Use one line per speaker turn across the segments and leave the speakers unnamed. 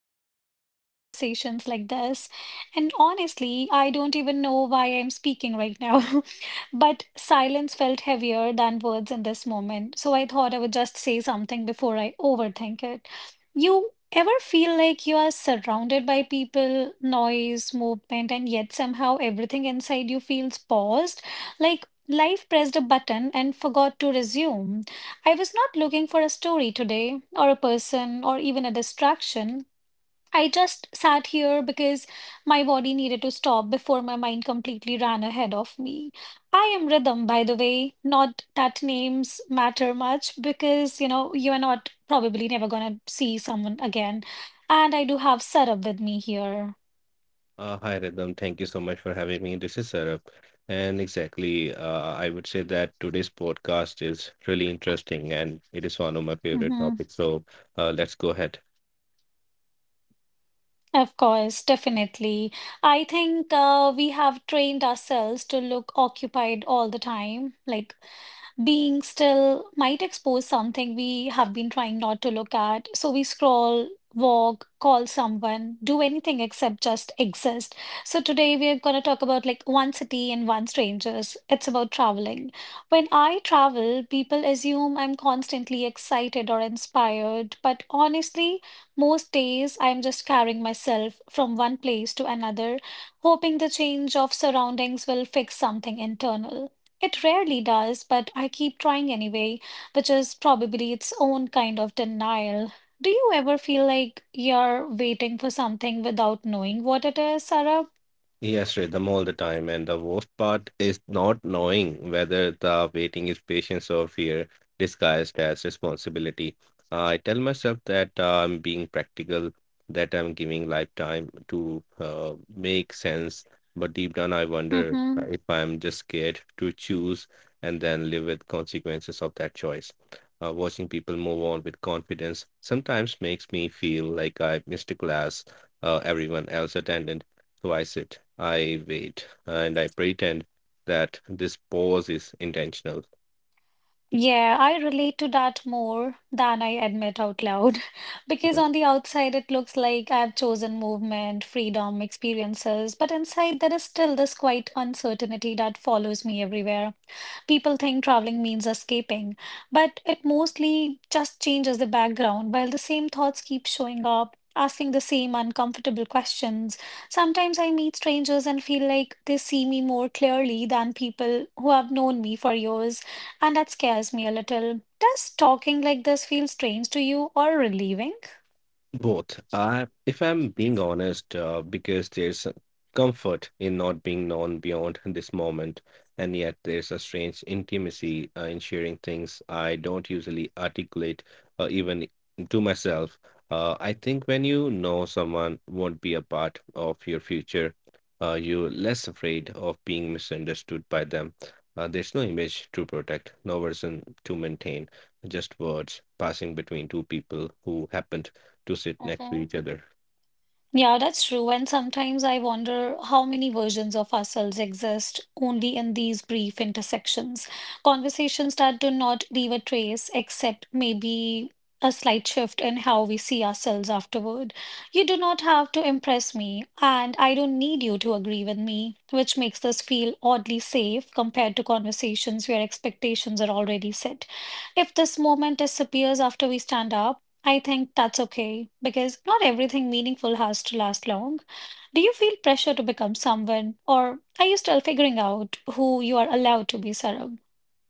not start conversations like this. And honestly, I don't even know why I'm speaking right now. But silence felt heavier than words in this moment. So I thought I would just say something before I overthink it. You ever feel like you are surrounded by people, noise, movement, and yet somehow everything inside you feels paused? Like life pressed a button and forgot to resume. I was not looking for a story today, or a person, or even a distraction. I just sat here because my body needed to stop before my mind completely ran ahead of me. I am Rhythm, by the way. Not that names matter much because, you know, you are not probably never gonna see someone again. And I do have Sarab with me here.
Hi, Rhythm. Thank you so much for having me. This is Saurabh. And exactly, I would say that today's podcast is really interesting and it is one of my favorite
Hmm.
topics. So let's go ahead.
Of course, definitely. I think we have trained ourselves to look occupied all the time. Like, being still might expose something we have been trying not to look at. So we scroll, walk, call someone, do anything except just exist. So today we are going to talk about like one city and one strangers. It's about traveling. When I travel, people assume I'm constantly excited or inspired, but honestly, most days I'm just carrying myself from one place to another, hoping the change of surroundings will fix something internal. It rarely does, but I keep trying anyway, which is probably its own kind of denial. Do you ever feel like you're waiting for something without knowing what it is, Sarah?
Yes, read them all the time, and the worst part is not knowing whether the waiting is patience or fear disguised as responsibility. I tell myself that I'm being practical, that I'm giving life time to make sense, but deep down I wonder
Mm-hmm.
if I'm just scared to choose and then live with consequences of that choice. Watching people move on with confidence sometimes makes me feel like I missed a class everyone else attended, so I sit, I wait, and I pretend that this pause is intentional.
Yeah, I relate to that more than I admit out loud. Because on the outside, it looks like I've chosen movement, freedom, experiences, but inside, there is still this quiet uncertainty that follows me everywhere. People think traveling means escaping, but it mostly just changes the background while the same thoughts keep showing up, asking the same uncomfortable questions. Sometimes I meet strangers and feel like they see me more clearly than people who have known me for years, and that scares me a little. Does talking like this feel strange to you or relieving?
Both. I, if I'm being honest, because there's a comfort in not being known beyond this moment, and yet there's a strange intimacy in sharing things I don't usually articulate, even to myself. I think when you know someone won't be a part of your future, you're less afraid of being misunderstood by them. There's no image to protect, no version to maintain, just words passing between two people who happen to sit next to
Mhm.
each other.
Yeah, that's true. And sometimes I wonder how many versions of ourselves exist only in these brief intersections, conversations that do not leave a trace except maybe a slight shift in how we see ourselves afterward. You do not have to impress me, and I don't need you to agree with me, which makes this feel oddly safe compared to conversations where expectations are already set. If this moment disappears after we stand up, I think that's okay because not everything meaningful has to last long. Do you feel pressure to become someone, or are you still figuring out who you are allowed to be, Sarab?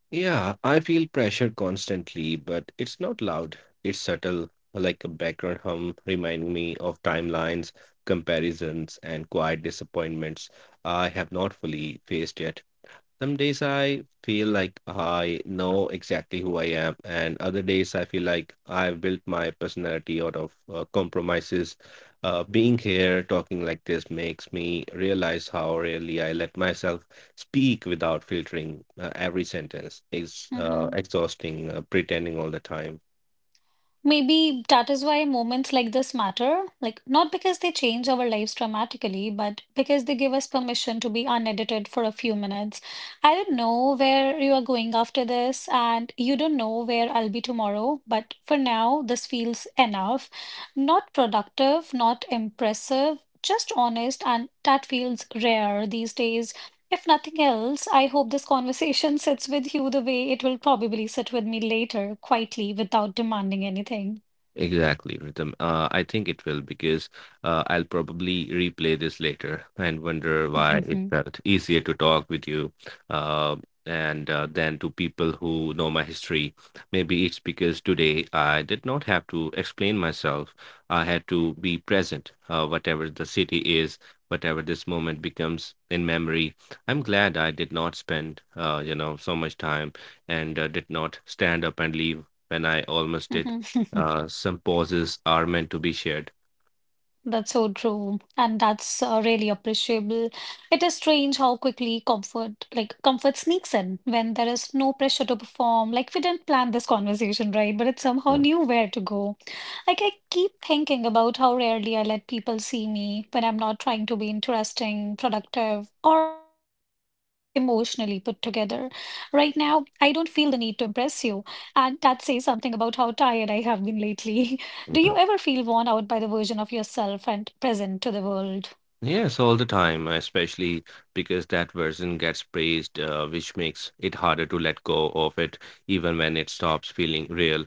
Yeah, I feel pressure constantly, but it's not loud. It's subtle, like a background hum, reminding me of timelines, comparisons, and quiet disappointments I have not fully faced yet. Some days I feel like I know exactly who I am, and other days I feel like I've built my personality out of compromises. Being here talking like this makes me realize how rarely I let myself speak without filtering every sentence. It's
Mm-hmm.
exhausting, pretending all the time.
Maybe that is why moments like this matter. Like, not because they change our lives dramatically, but because they give us permission to be unedited for a few minutes. I don't know where you are going after this, and you don't know where I'll be tomorrow, but for now, this feels enough. Not productive, not impressive, just honest, and that feels rare these days. If nothing else, I hope this conversation sits with you the way it will probably sit with me later, quietly, without demanding anything.
Exactly, Rhythm. I think it will because I'll probably replay this later and wonder why it felt easier to talk with you uh, and than to people who know my history. Maybe it's because today I did not have to explain myself. I had to be present, whatever the city is, whatever this moment becomes in memory. I'm glad I did not spend, so much time and did not stand up and leave when I almost did. Some pauses are meant to be shared.
That's so true, and that's really appreciable. It is strange how quickly comfort, like comfort, sneaks in when there is no pressure to perform. Like we didn't plan this conversation, right? But it somehow
Yeah,
knew where to go. Like I keep thinking about how rarely I let people see me when I'm not trying to be interesting, productive, or emotionally put together. Right now, I don't feel the need to impress you, and that says something about how tired I have been lately. Do you
yeah,
ever feel worn out by the version of yourself and present to the world?
yes, all the time, especially because that version gets praised, which makes it harder to let go of it, even when it stops feeling real.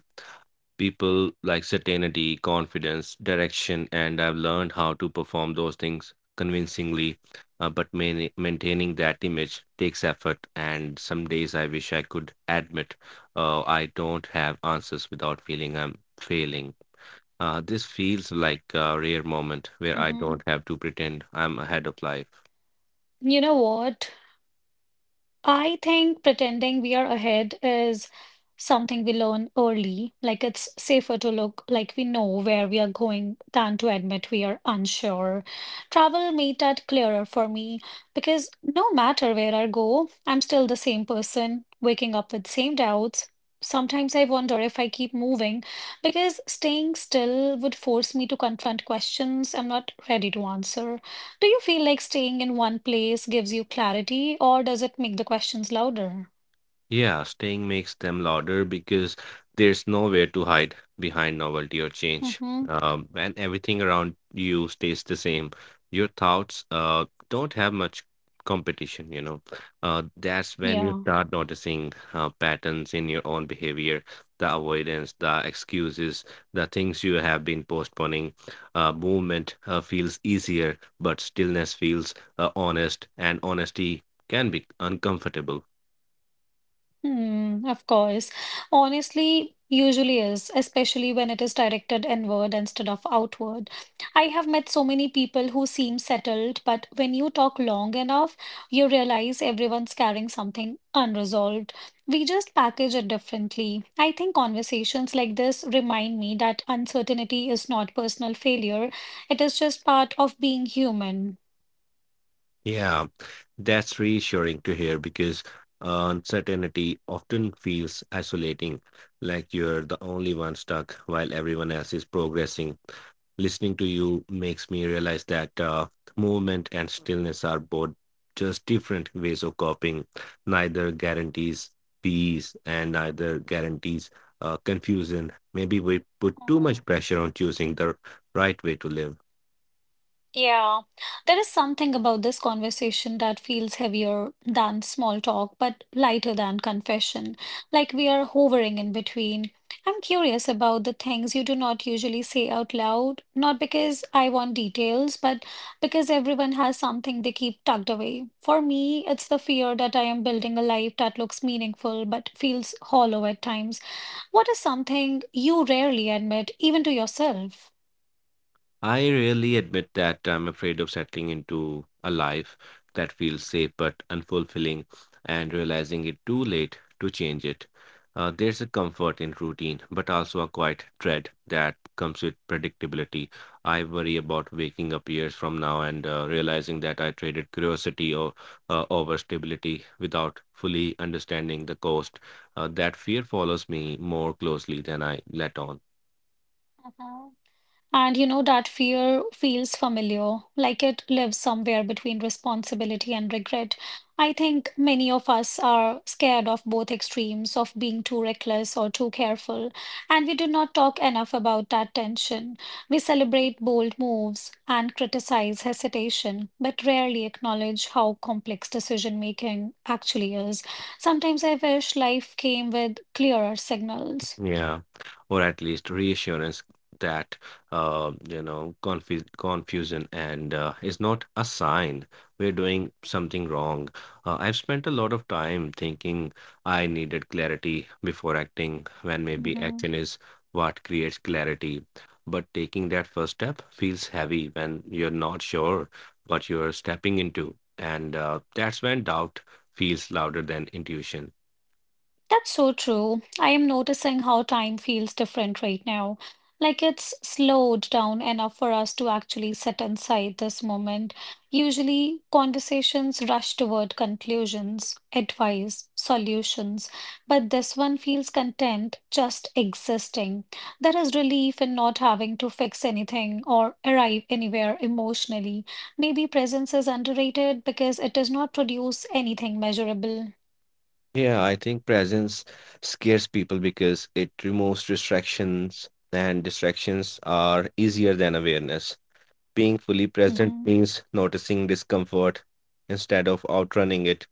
People like certainty, confidence, direction, and I've learned how to perform those things convincingly, but maintaining that image takes effort, and some days I wish I could admit, I don't have answers without feeling I'm failing. This feels like a rare moment where I don't
Mhm.
have to pretend I'm ahead of life.
You know what? I think pretending we are ahead is something we learn early. Like it's safer to look like we know where we are going than to admit we are unsure. Travel made that clearer for me because no matter where I go, I'm still the same person, waking up with same doubts. Sometimes I wonder if I keep moving because staying still would force me to confront questions I'm not ready to answer. Do you feel like staying in one place gives you clarity, or does it make the questions louder?
Yeah, staying makes them louder because there's nowhere to hide behind novelty or change.
Mm-hmm.
When everything around you stays the same, your thoughts don't have much competition. That's when you
Yeah.
start noticing patterns in your own behavior, the avoidance, the excuses, the things you have been postponing. Movement feels easier, but stillness feels honest, and honesty can be uncomfortable.
Hmm, of course. Honestly, usually is, especially when it is directed inward instead of outward. I have met so many people who seem settled, but when you talk long enough, you realize everyone's carrying something unresolved. We just package it differently. I think conversations like this remind me that uncertainty is not personal failure, it is just part of being human.
Yeah, that's reassuring to hear because uncertainty often feels isolating, like you're the only one stuck while everyone else is progressing. Listening to you makes me realize that movement and stillness are both just different ways of coping. Neither guarantees peace and neither guarantees confusion. Maybe we put too much pressure on choosing the right way to live.
Yeah, there is something about this conversation that feels heavier than small talk, but lighter than confession. Like we are hovering in between. I'm curious about the things you do not usually say out loud, not because I want details, but because everyone has something they keep tucked away. For me, it's the fear that I am building a life that looks meaningful but feels hollow at times. What is something you rarely admit, even to yourself?
I really admit that I'm afraid of settling into a life that feels safe but unfulfilling and realizing it too late to change it. There's a comfort in routine, but also a quiet dread that comes with predictability. I worry about waking up years from now and realizing that I traded curiosity or over stability without fully understanding the cost. That fear follows me more closely than I let on.
And you know, that fear feels familiar, like it lives somewhere between responsibility and regret. I think many of us are scared of both extremes, of being too reckless or too careful, and we do not talk enough about that tension. We celebrate bold moves and criticize hesitation, but rarely acknowledge how complex decision making actually is. Sometimes I wish life came with clearer signals.
Yeah, or at least reassurance that confusion and is not a sign we're doing something wrong. I've spent a lot of time thinking I needed clarity before acting, when maybe
Mhm.
action is what creates clarity. But taking that first step feels heavy when you're not sure what you're stepping into, and that's when doubt feels louder than intuition.
That's so true. I am noticing how time feels different right now. Like it's slowed down enough for us to actually sit inside this moment. Usually, conversations rush toward conclusions, advice, solutions, but this one feels content just existing. There is relief in not having to fix anything or arrive anywhere emotionally. Maybe presence is underrated because it does not produce anything measurable.
Yeah, I think presence scares people because it removes distractions, and distractions are easier than awareness. Being fully present
Hmm.
means noticing discomfort instead of outrunning it.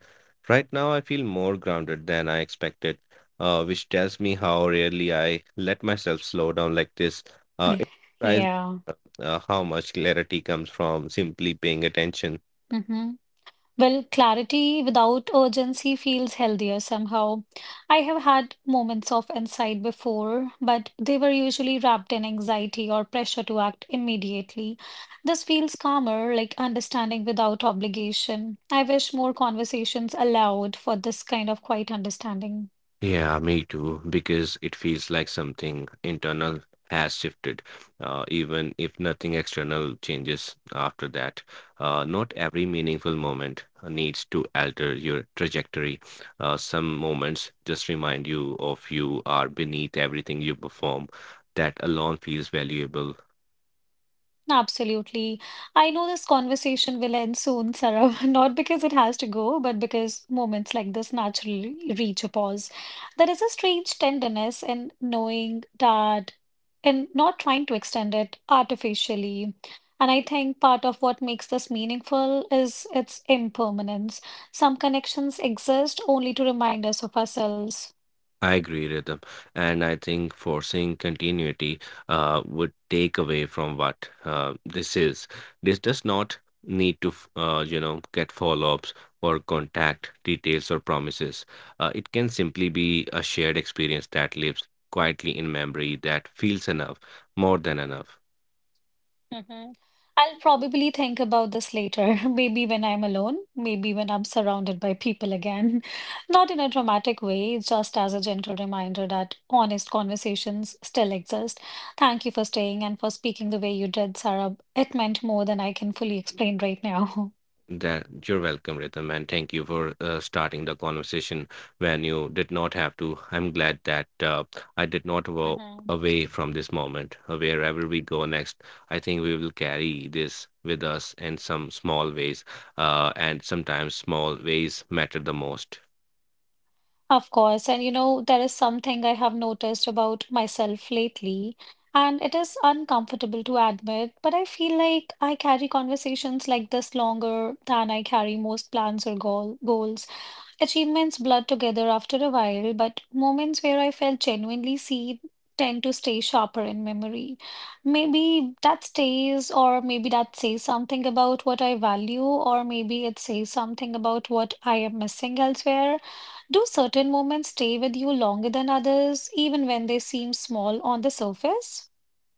Right now, I feel more grounded than I expected, which tells me how rarely I let myself slow down like this. It surprises
Yeah.
how much clarity comes from simply paying attention.
Hmm. Well, clarity without urgency feels healthier somehow. I have had moments of insight before, but they were usually wrapped in anxiety or pressure to act immediately. This feels calmer, like understanding without obligation. I wish more conversations allowed for this kind of quiet understanding.
Yeah, me too, because it feels like something internal has shifted, even if nothing external changes after that. Not every meaningful moment needs to alter your trajectory. Some moments just remind you of you are beneath everything you perform. That alone feels valuable.
Absolutely. I know this conversation will end soon, Sarah, not because it has to go, but because moments like this naturally reach a pause. There is a strange tenderness in knowing that and not trying to extend it artificially. And I think part of what makes this meaningful is its impermanence. Some connections exist only to remind us of ourselves.
I agree, Rhythm. And I think forcing continuity would take away from what this is. This does not need to, get follow-ups or contact details or promises. It can simply be a shared experience that lives quietly in memory that feels enough, more than enough.
Mhm. I'll probably think about this later, maybe when I'm alone, maybe when I'm surrounded by people again. Not in a dramatic way, just as a gentle reminder that honest conversations still exist. Thank you for staying and for speaking the way you did, Sarah. It meant more than I can fully explain right now.
That you're welcome, Rhythm, and thank you for starting the conversation when you did not have to. I'm glad that I did not walk
Mhm.
away from this moment. Wherever we go next, I think we will carry this with us in some small ways, and sometimes small ways matter the most.
Of course, and you know, there is something I have noticed about myself lately, and it is uncomfortable to admit, but I feel like I carry conversations like this longer than I carry most plans or goals. Achievements blur together after a while, but moments where I felt genuinely seen tend to stay sharper in memory. Maybe that stays, or maybe that says something about what I value, or maybe it says something about what I am missing elsewhere. Do certain moments stay with you longer than others, even when they seem small on the surface?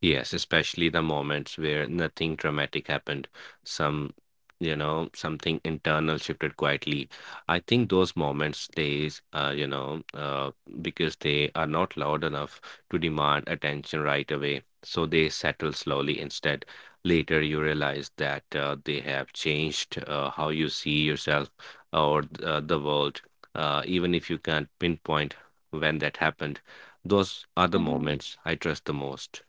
Yes, especially the moments where nothing dramatic happened, some, something internal shifted quietly. I think those moments stays, because they are not loud enough to demand attention right away. So they settle slowly instead. Later, you realize that they have changed how you see yourself or the world, even if you can't pinpoint when that happened. Those are the
Hmm.
moments I trust the most.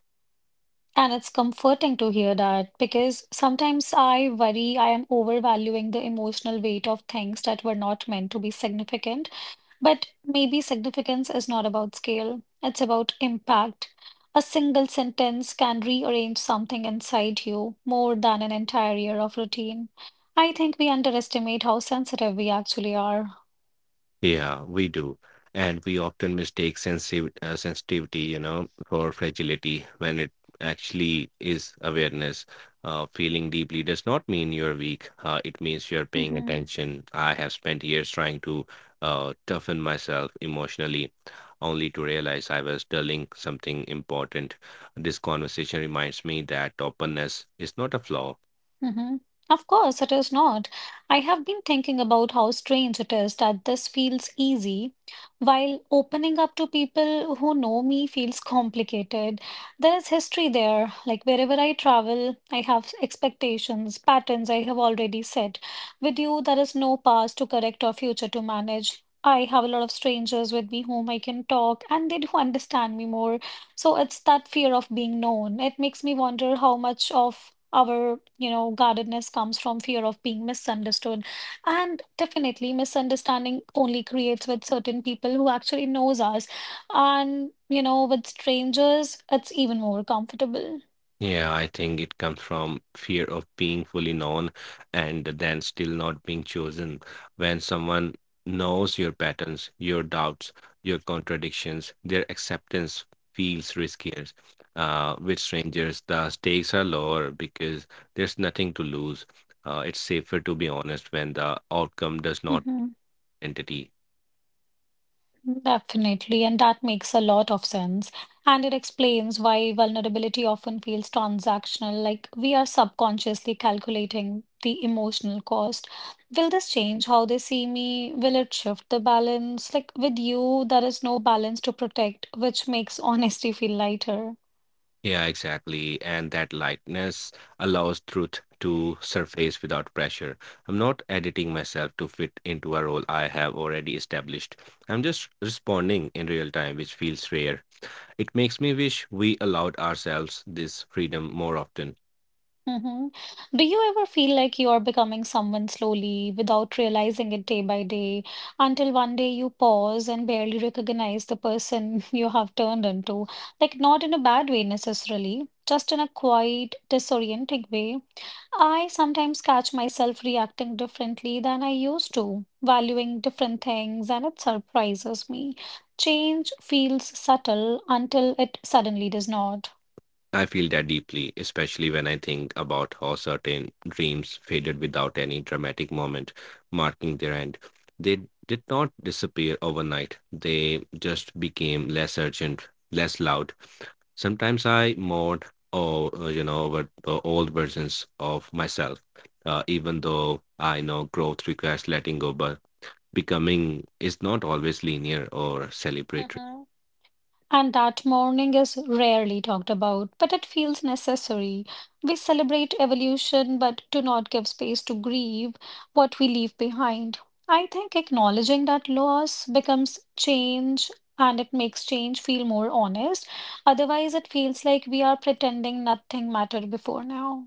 And it's comforting to hear that because sometimes I worry I am overvaluing the emotional weight of things that were not meant to be significant. But maybe significance is not about scale, it's about impact. A single sentence can rearrange something inside you more than an entire year of routine. I think we underestimate how sensitive we actually are.
Yeah, we do. And we often mistake sensitivity for fragility when it actually is awareness. Feeling deeply does not mean you're weak. It means you're paying attention. I have spent years trying to toughen myself emotionally, only to realize I was dulling something important. This conversation reminds me that openness is not a flaw.
Hmm. Of course, it is not. I have been thinking about how strange it is that this feels easy, while opening up to people who know me feels complicated. There is history there. Like wherever I travel, I have expectations, patterns I have already set. With you, there is no past to correct or future to manage. I have a lot of strangers with me whom I can talk, and they do understand me more. So it's that fear of being known. It makes me wonder how much of our, you know, guardedness comes from fear of being misunderstood. And definitely misunderstanding only creates with certain people who actually knows us. And, you know, with strangers, it's even more comfortable.
Yeah, I think it comes from fear of being fully known and then still not being chosen. When someone knows your patterns, your doubts, your contradictions, their acceptance feels riskier. With strangers, the stakes are lower because there's nothing to lose. It's safer to be honest when the outcome does not
Hmm.
identity.
Definitely, and that makes a lot of sense. And it explains why vulnerability often feels transactional, like we are subconsciously calculating the emotional cost. Will this change how they see me? Will it shift the balance? Like with you, there is no balance to protect, which makes honesty feel lighter.
Yeah, exactly. And that lightness allows truth to surface without pressure. I'm not editing myself to fit into a role I have already established. I'm just responding in real time, which feels rare. It makes me wish we allowed ourselves this freedom more often.
Hmm. Do you ever feel like you are becoming someone slowly without realizing it day by day until one day you pause and barely recognize the person you have turned into? Like, not in a bad way necessarily, just in a quiet, disorienting way. I sometimes catch myself reacting differently than I used to, valuing different things, and it surprises me. Change feels subtle until it suddenly does not.
I feel that deeply, especially when I think about how certain dreams faded without any dramatic moment marking their end. They did not disappear overnight, they just became less urgent, less loud. Sometimes I mourn, over the old versions of myself, even though I know growth requires letting go, but becoming is not always linear or celebratory.
Mm-hmm. And that mourning is rarely talked about, but it feels necessary. We celebrate evolution but do not give space to grieve what we leave behind. I think acknowledging that loss becomes change and it makes change feel more honest. Otherwise, it feels like we are pretending nothing mattered before now.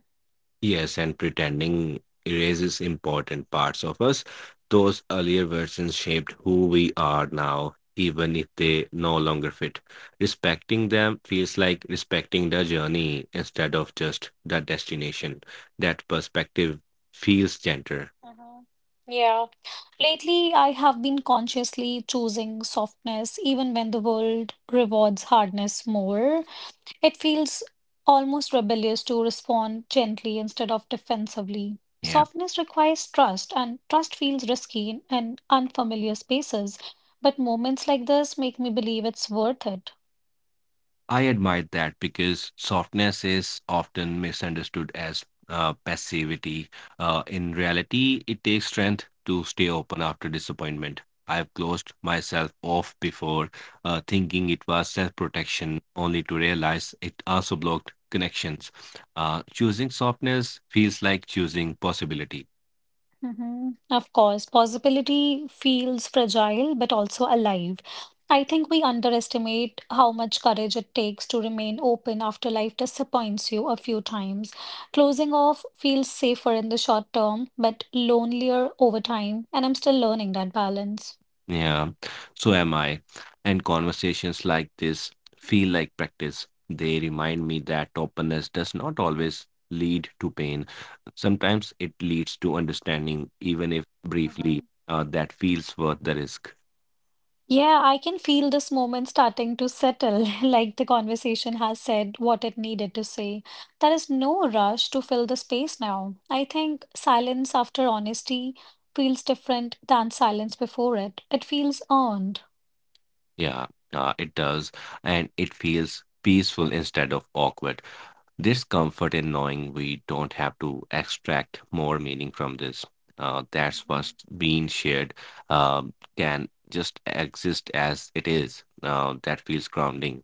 Yes, and pretending erases important parts of us. Those earlier versions shaped who we are now, even if they no longer fit. Respecting them feels like respecting the journey instead of just the destination. That perspective feels gentler.
Mhm. Yeah. Lately, I have been consciously choosing softness even when the world rewards hardness more. It feels almost rebellious to respond gently instead of defensively.
Yeah.
Softness requires trust, and trust feels risky in unfamiliar spaces, but moments like this make me believe it's worth it.
I admire that because softness is often misunderstood as passivity. In reality, it takes strength to stay open after disappointment. I've closed myself off before, thinking it was self protection, only to realize it also blocked connections. Choosing softness feels like choosing possibility.
Hmm. Of course, possibility feels fragile but also alive. I think we underestimate how much courage it takes to remain open after life disappoints you a few times. Closing off feels safer in the short term, but lonelier over time, and I'm still learning that balance.
Yeah, so am I. And conversations like this feel like practice. They remind me that openness does not always lead to pain. Sometimes it leads to understanding, even if briefly, that feels worth the risk.
Yeah, I can feel this moment starting to settle, like the conversation has said what it needed to say. There is no rush to fill the space now. I think silence after honesty feels different than silence before it. It feels earned.
Yeah, it does. And it feels peaceful instead of awkward. There's comfort in knowing we don't have to extract more meaning from this. That's what's being shared can just exist as it is. That feels grounding.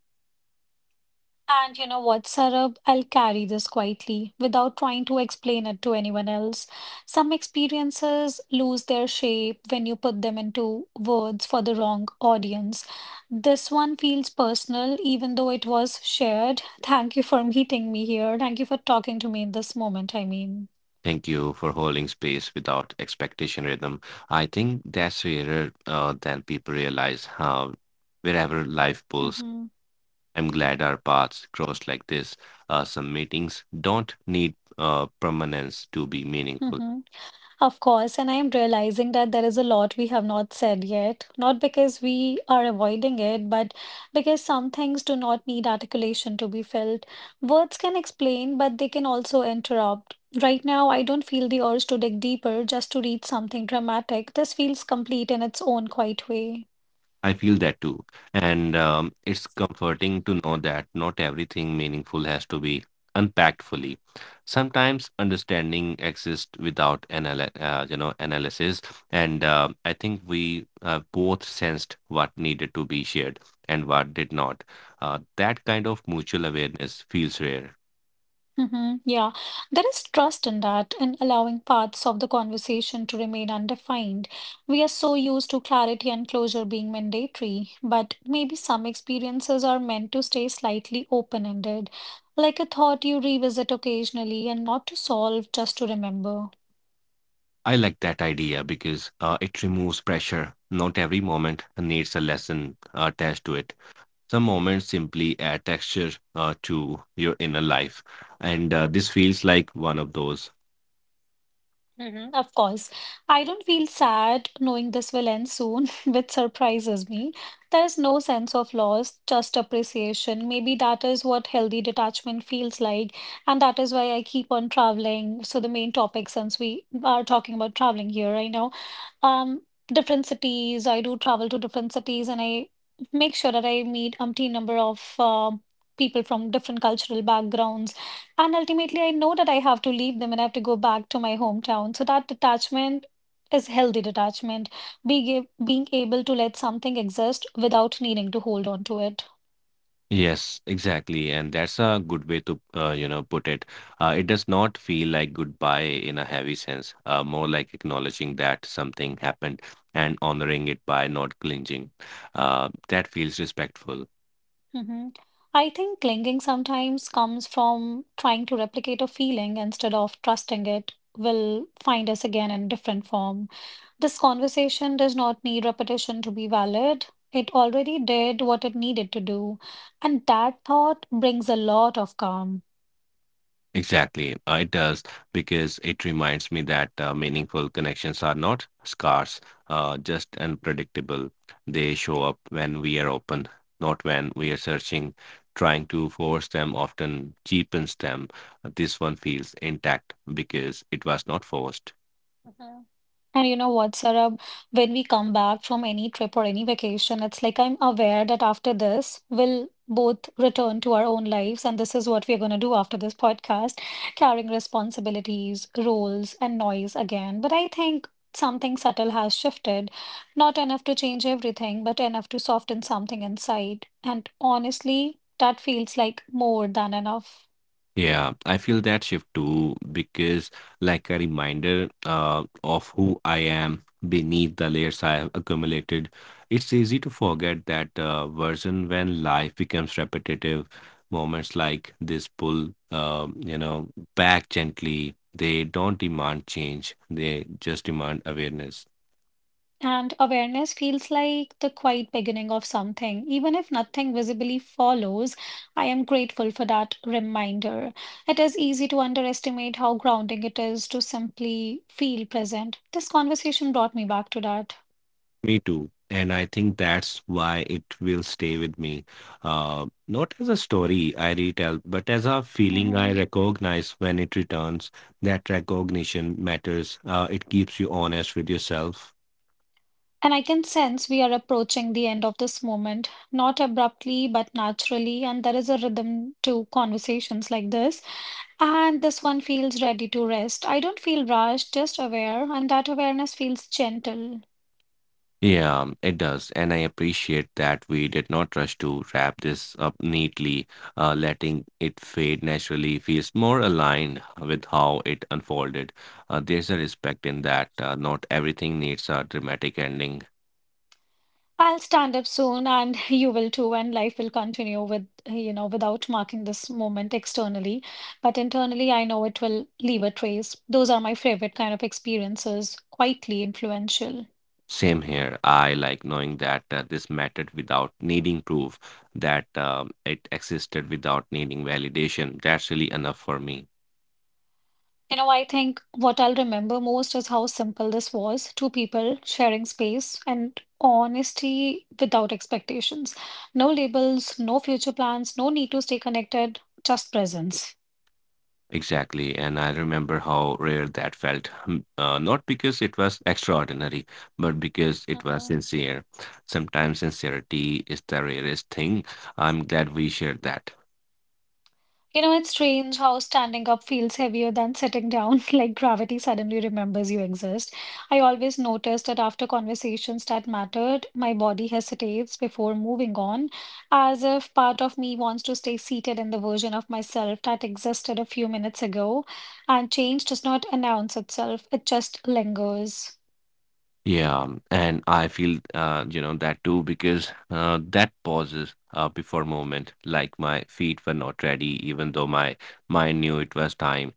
And you know what, Sarab? I'll carry this quietly without trying to explain it to anyone else. Some experiences lose their shape when you put them into words for the wrong audience. This one feels personal, even though it was shared. Thank you for meeting me here. Thank you for talking to me in this moment, I mean.
Thank you for holding space without expectation, rhythm. I think that's rarer than people realize how wherever life pulls
Mm-hmm.
I'm glad our paths crossed like this. Some meetings don't need permanence to be meaningful.
Mm-hmm. Of course, and I am realizing that there is a lot we have not said yet, not because we are avoiding it, but because some things do not need articulation to be felt. Words can explain, but they can also interrupt. Right now, I don't feel the urge to dig deeper just to read something dramatic. This feels complete in its own quiet way.
I feel that too. And it's comforting to know that not everything meaningful has to be unpacked fully. Sometimes understanding exists without analysis, and I think we both sensed what needed to be shared and what did not. That kind of mutual awareness feels rare.
Hmm. Yeah, there is trust in that, in allowing paths of the conversation to remain undefined. We are so used to clarity and closure being mandatory, but maybe some experiences are meant to stay slightly open-ended, like a thought you revisit occasionally and not to solve, just to remember.
I like that idea because it removes pressure. Not every moment needs a lesson attached to it. Some moments simply add texture to your inner life. And this feels like one of those.
Hmm. Of course. I don't feel sad knowing this will end soon, which surprises me. There is no sense of loss, just appreciation. Maybe that is what healthy detachment feels like, and that is why I keep on traveling. So the main topic, since we are talking about traveling here right now, um, different cities. I do travel to different cities, and I make sure that I meet umpteen number of people from different cultural backgrounds. And ultimately, I know that I have to leave them and I have to go back to my hometown. So that detachment is healthy detachment, being, being able to let something exist without needing to hold on to it.
Yes, exactly. And that's a good way to, put it. It does not feel like goodbye in a heavy sense, more like acknowledging that something happened and honoring it by not clinging. That feels respectful.
Hmm. I think clinging sometimes comes from trying to replicate a feeling instead of trusting it will find us again in different form. This conversation does not need repetition to be valid. It already did what it needed to do, and that thought brings a lot of calm.
Exactly. It does because it reminds me that meaningful connections are not scarce, just unpredictable. They show up when we are open, not when we are searching. Trying to force them often cheapens them. This one feels intact because it was not forced.
And you know what, Sarab, when we come back from any trip or any vacation, it's like I'm aware that after this, we'll both return to our own lives. And this is what we're going to do after this podcast, carrying responsibilities, roles, and noise again. But I think something subtle has shifted. Not enough to change everything, but enough to soften something inside. And honestly, that feels like more than enough.
Yeah, I feel that shift too because, like, a reminder of who I am beneath the layers I have accumulated. It's easy to forget that version when life becomes repetitive. Moments like this pull, back gently. They don't demand change, they just demand awareness.
And awareness feels like the quiet beginning of something. Even if nothing visibly follows, I am grateful for that reminder. It is easy to underestimate how grounding it is to simply feel present. This conversation brought me back to that.
Me too. And I think that's why it will stay with me. Not as a story I retell, but as a feeling I
Mhm.
recognize when it returns. That recognition matters. It keeps you honest with yourself.
And I can sense we are approaching the end of this moment, not abruptly, but naturally. And there is a rhythm to conversations like this. And this one feels ready to rest. I don't feel rushed, just aware, and that awareness feels gentle.
Yeah, it does. And I appreciate that we did not rush to wrap this up neatly. Letting it fade naturally feels more aligned with how it unfolded. There's a respect in that. Not everything needs a dramatic ending.
I'll stand up soon and you will too, and life will continue with, without marking this moment externally. But internally, I know it will leave a trace. Those are my favorite kind of experiences, quietly influential.
Same here. I like knowing that this mattered without needing proof, that it existed without needing validation. That's really enough for me.
You know, I think what I'll remember most is how simple this was. Two people sharing space and honesty without expectations. No labels, no future plans, no need to stay connected, just presence.
Exactly. And I remember how rare that felt. Hmm. Not because it was extraordinary, but because it was
Mhm.
sincere. Sometimes sincerity is the rarest thing. I'm glad we shared that.
You know, it's strange how standing up feels heavier than sitting down, like gravity suddenly remembers you exist. I always notice that after conversations that mattered, my body hesitates before moving on, as if part of me wants to stay seated in the version of myself that existed a few minutes ago, and change does not announce itself, it just lingers.
Yeah, and I feel that too because that pauses before movement, like my feet were not ready, even though my mind knew it was time.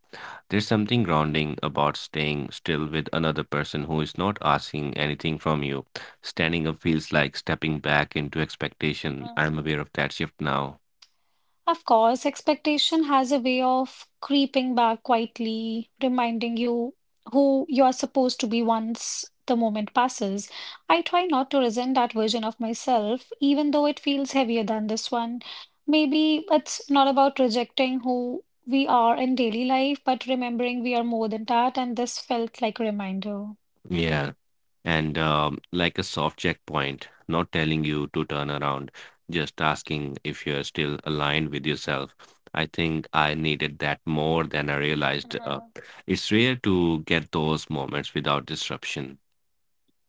There's something grounding about staying still with another person who is not asking anything from you. Standing up feels like stepping back into expectation.
Mhm.
I'm aware of that shift now.
Of course, expectation has a way of creeping back quietly, reminding you who you are supposed to be once the moment passes. I try not to resent that version of myself, even though it feels heavier than this one. Maybe it's not about rejecting who we are in daily life, but remembering we are more than that, and this felt like a reminder.
Yeah. And like a soft checkpoint, not telling you to turn around, just asking if you're still aligned with yourself. I think I needed that more than I realized.
Mhm.
It's rare to get those moments without disruption.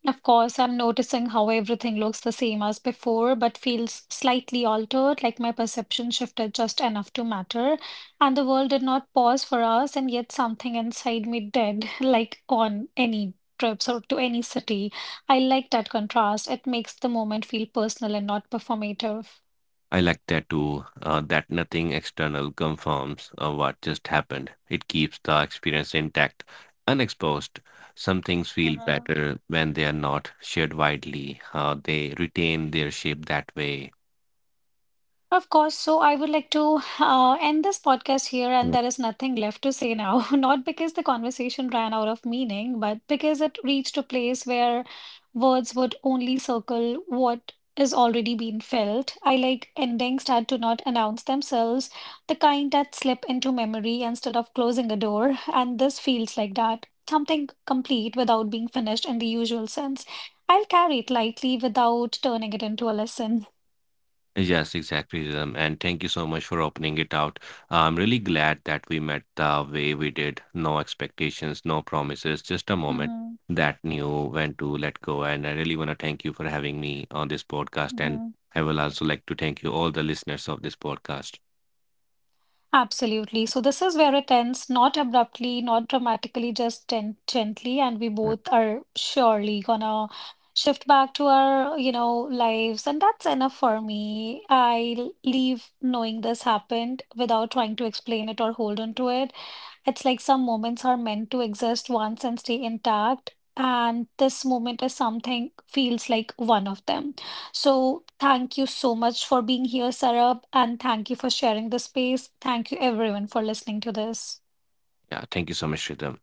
Of course, I'm noticing how everything looks the same as before, but feels slightly altered, like my perception shifted just enough to matter. And the world did not pause for us, and yet something inside me did, like on any trips or to any city. I like that contrast. It makes the moment feel personal and not performative.
I like that too, that nothing external confirms what just happened. It keeps the experience intact, unexposed. Some things feel
Uh-huh.
better when they are not shared widely. They retain their shape that way.
Of course. So I would like to end this podcast here, and there is nothing left to say now. Not because the conversation ran out of meaning, but because it reached a place where words would only circle what is already been felt. I like endings that do not announce themselves, the kind that slip into memory instead of closing a door. And this feels like that. Something complete without being finished in the usual sense. I'll carry it lightly without turning it into a lesson.
Yes, exactly, Rhythm. And thank you so much for opening it out. I'm really glad that we met the way we did. No expectations, no promises, just a moment
Hmm.
that knew when to let go. And I really want to thank you for having me on this podcast. And
Hmm.
I will also like to thank you, all the listeners of this podcast.
Absolutely. So this is where it ends, not abruptly, not dramatically, just gently, and we
Yeah,
both are surely gonna shift back to our, lives, and that's enough for me. I leave knowing this happened without trying to explain it or hold on to it. It's like some moments are meant to exist once and stay intact, and this moment is something feels like one of them. So thank you so much for being here, Sarab, and thank you for sharing the space. Thank you everyone for listening to this.
Yeah, thank you so much, Rhythm.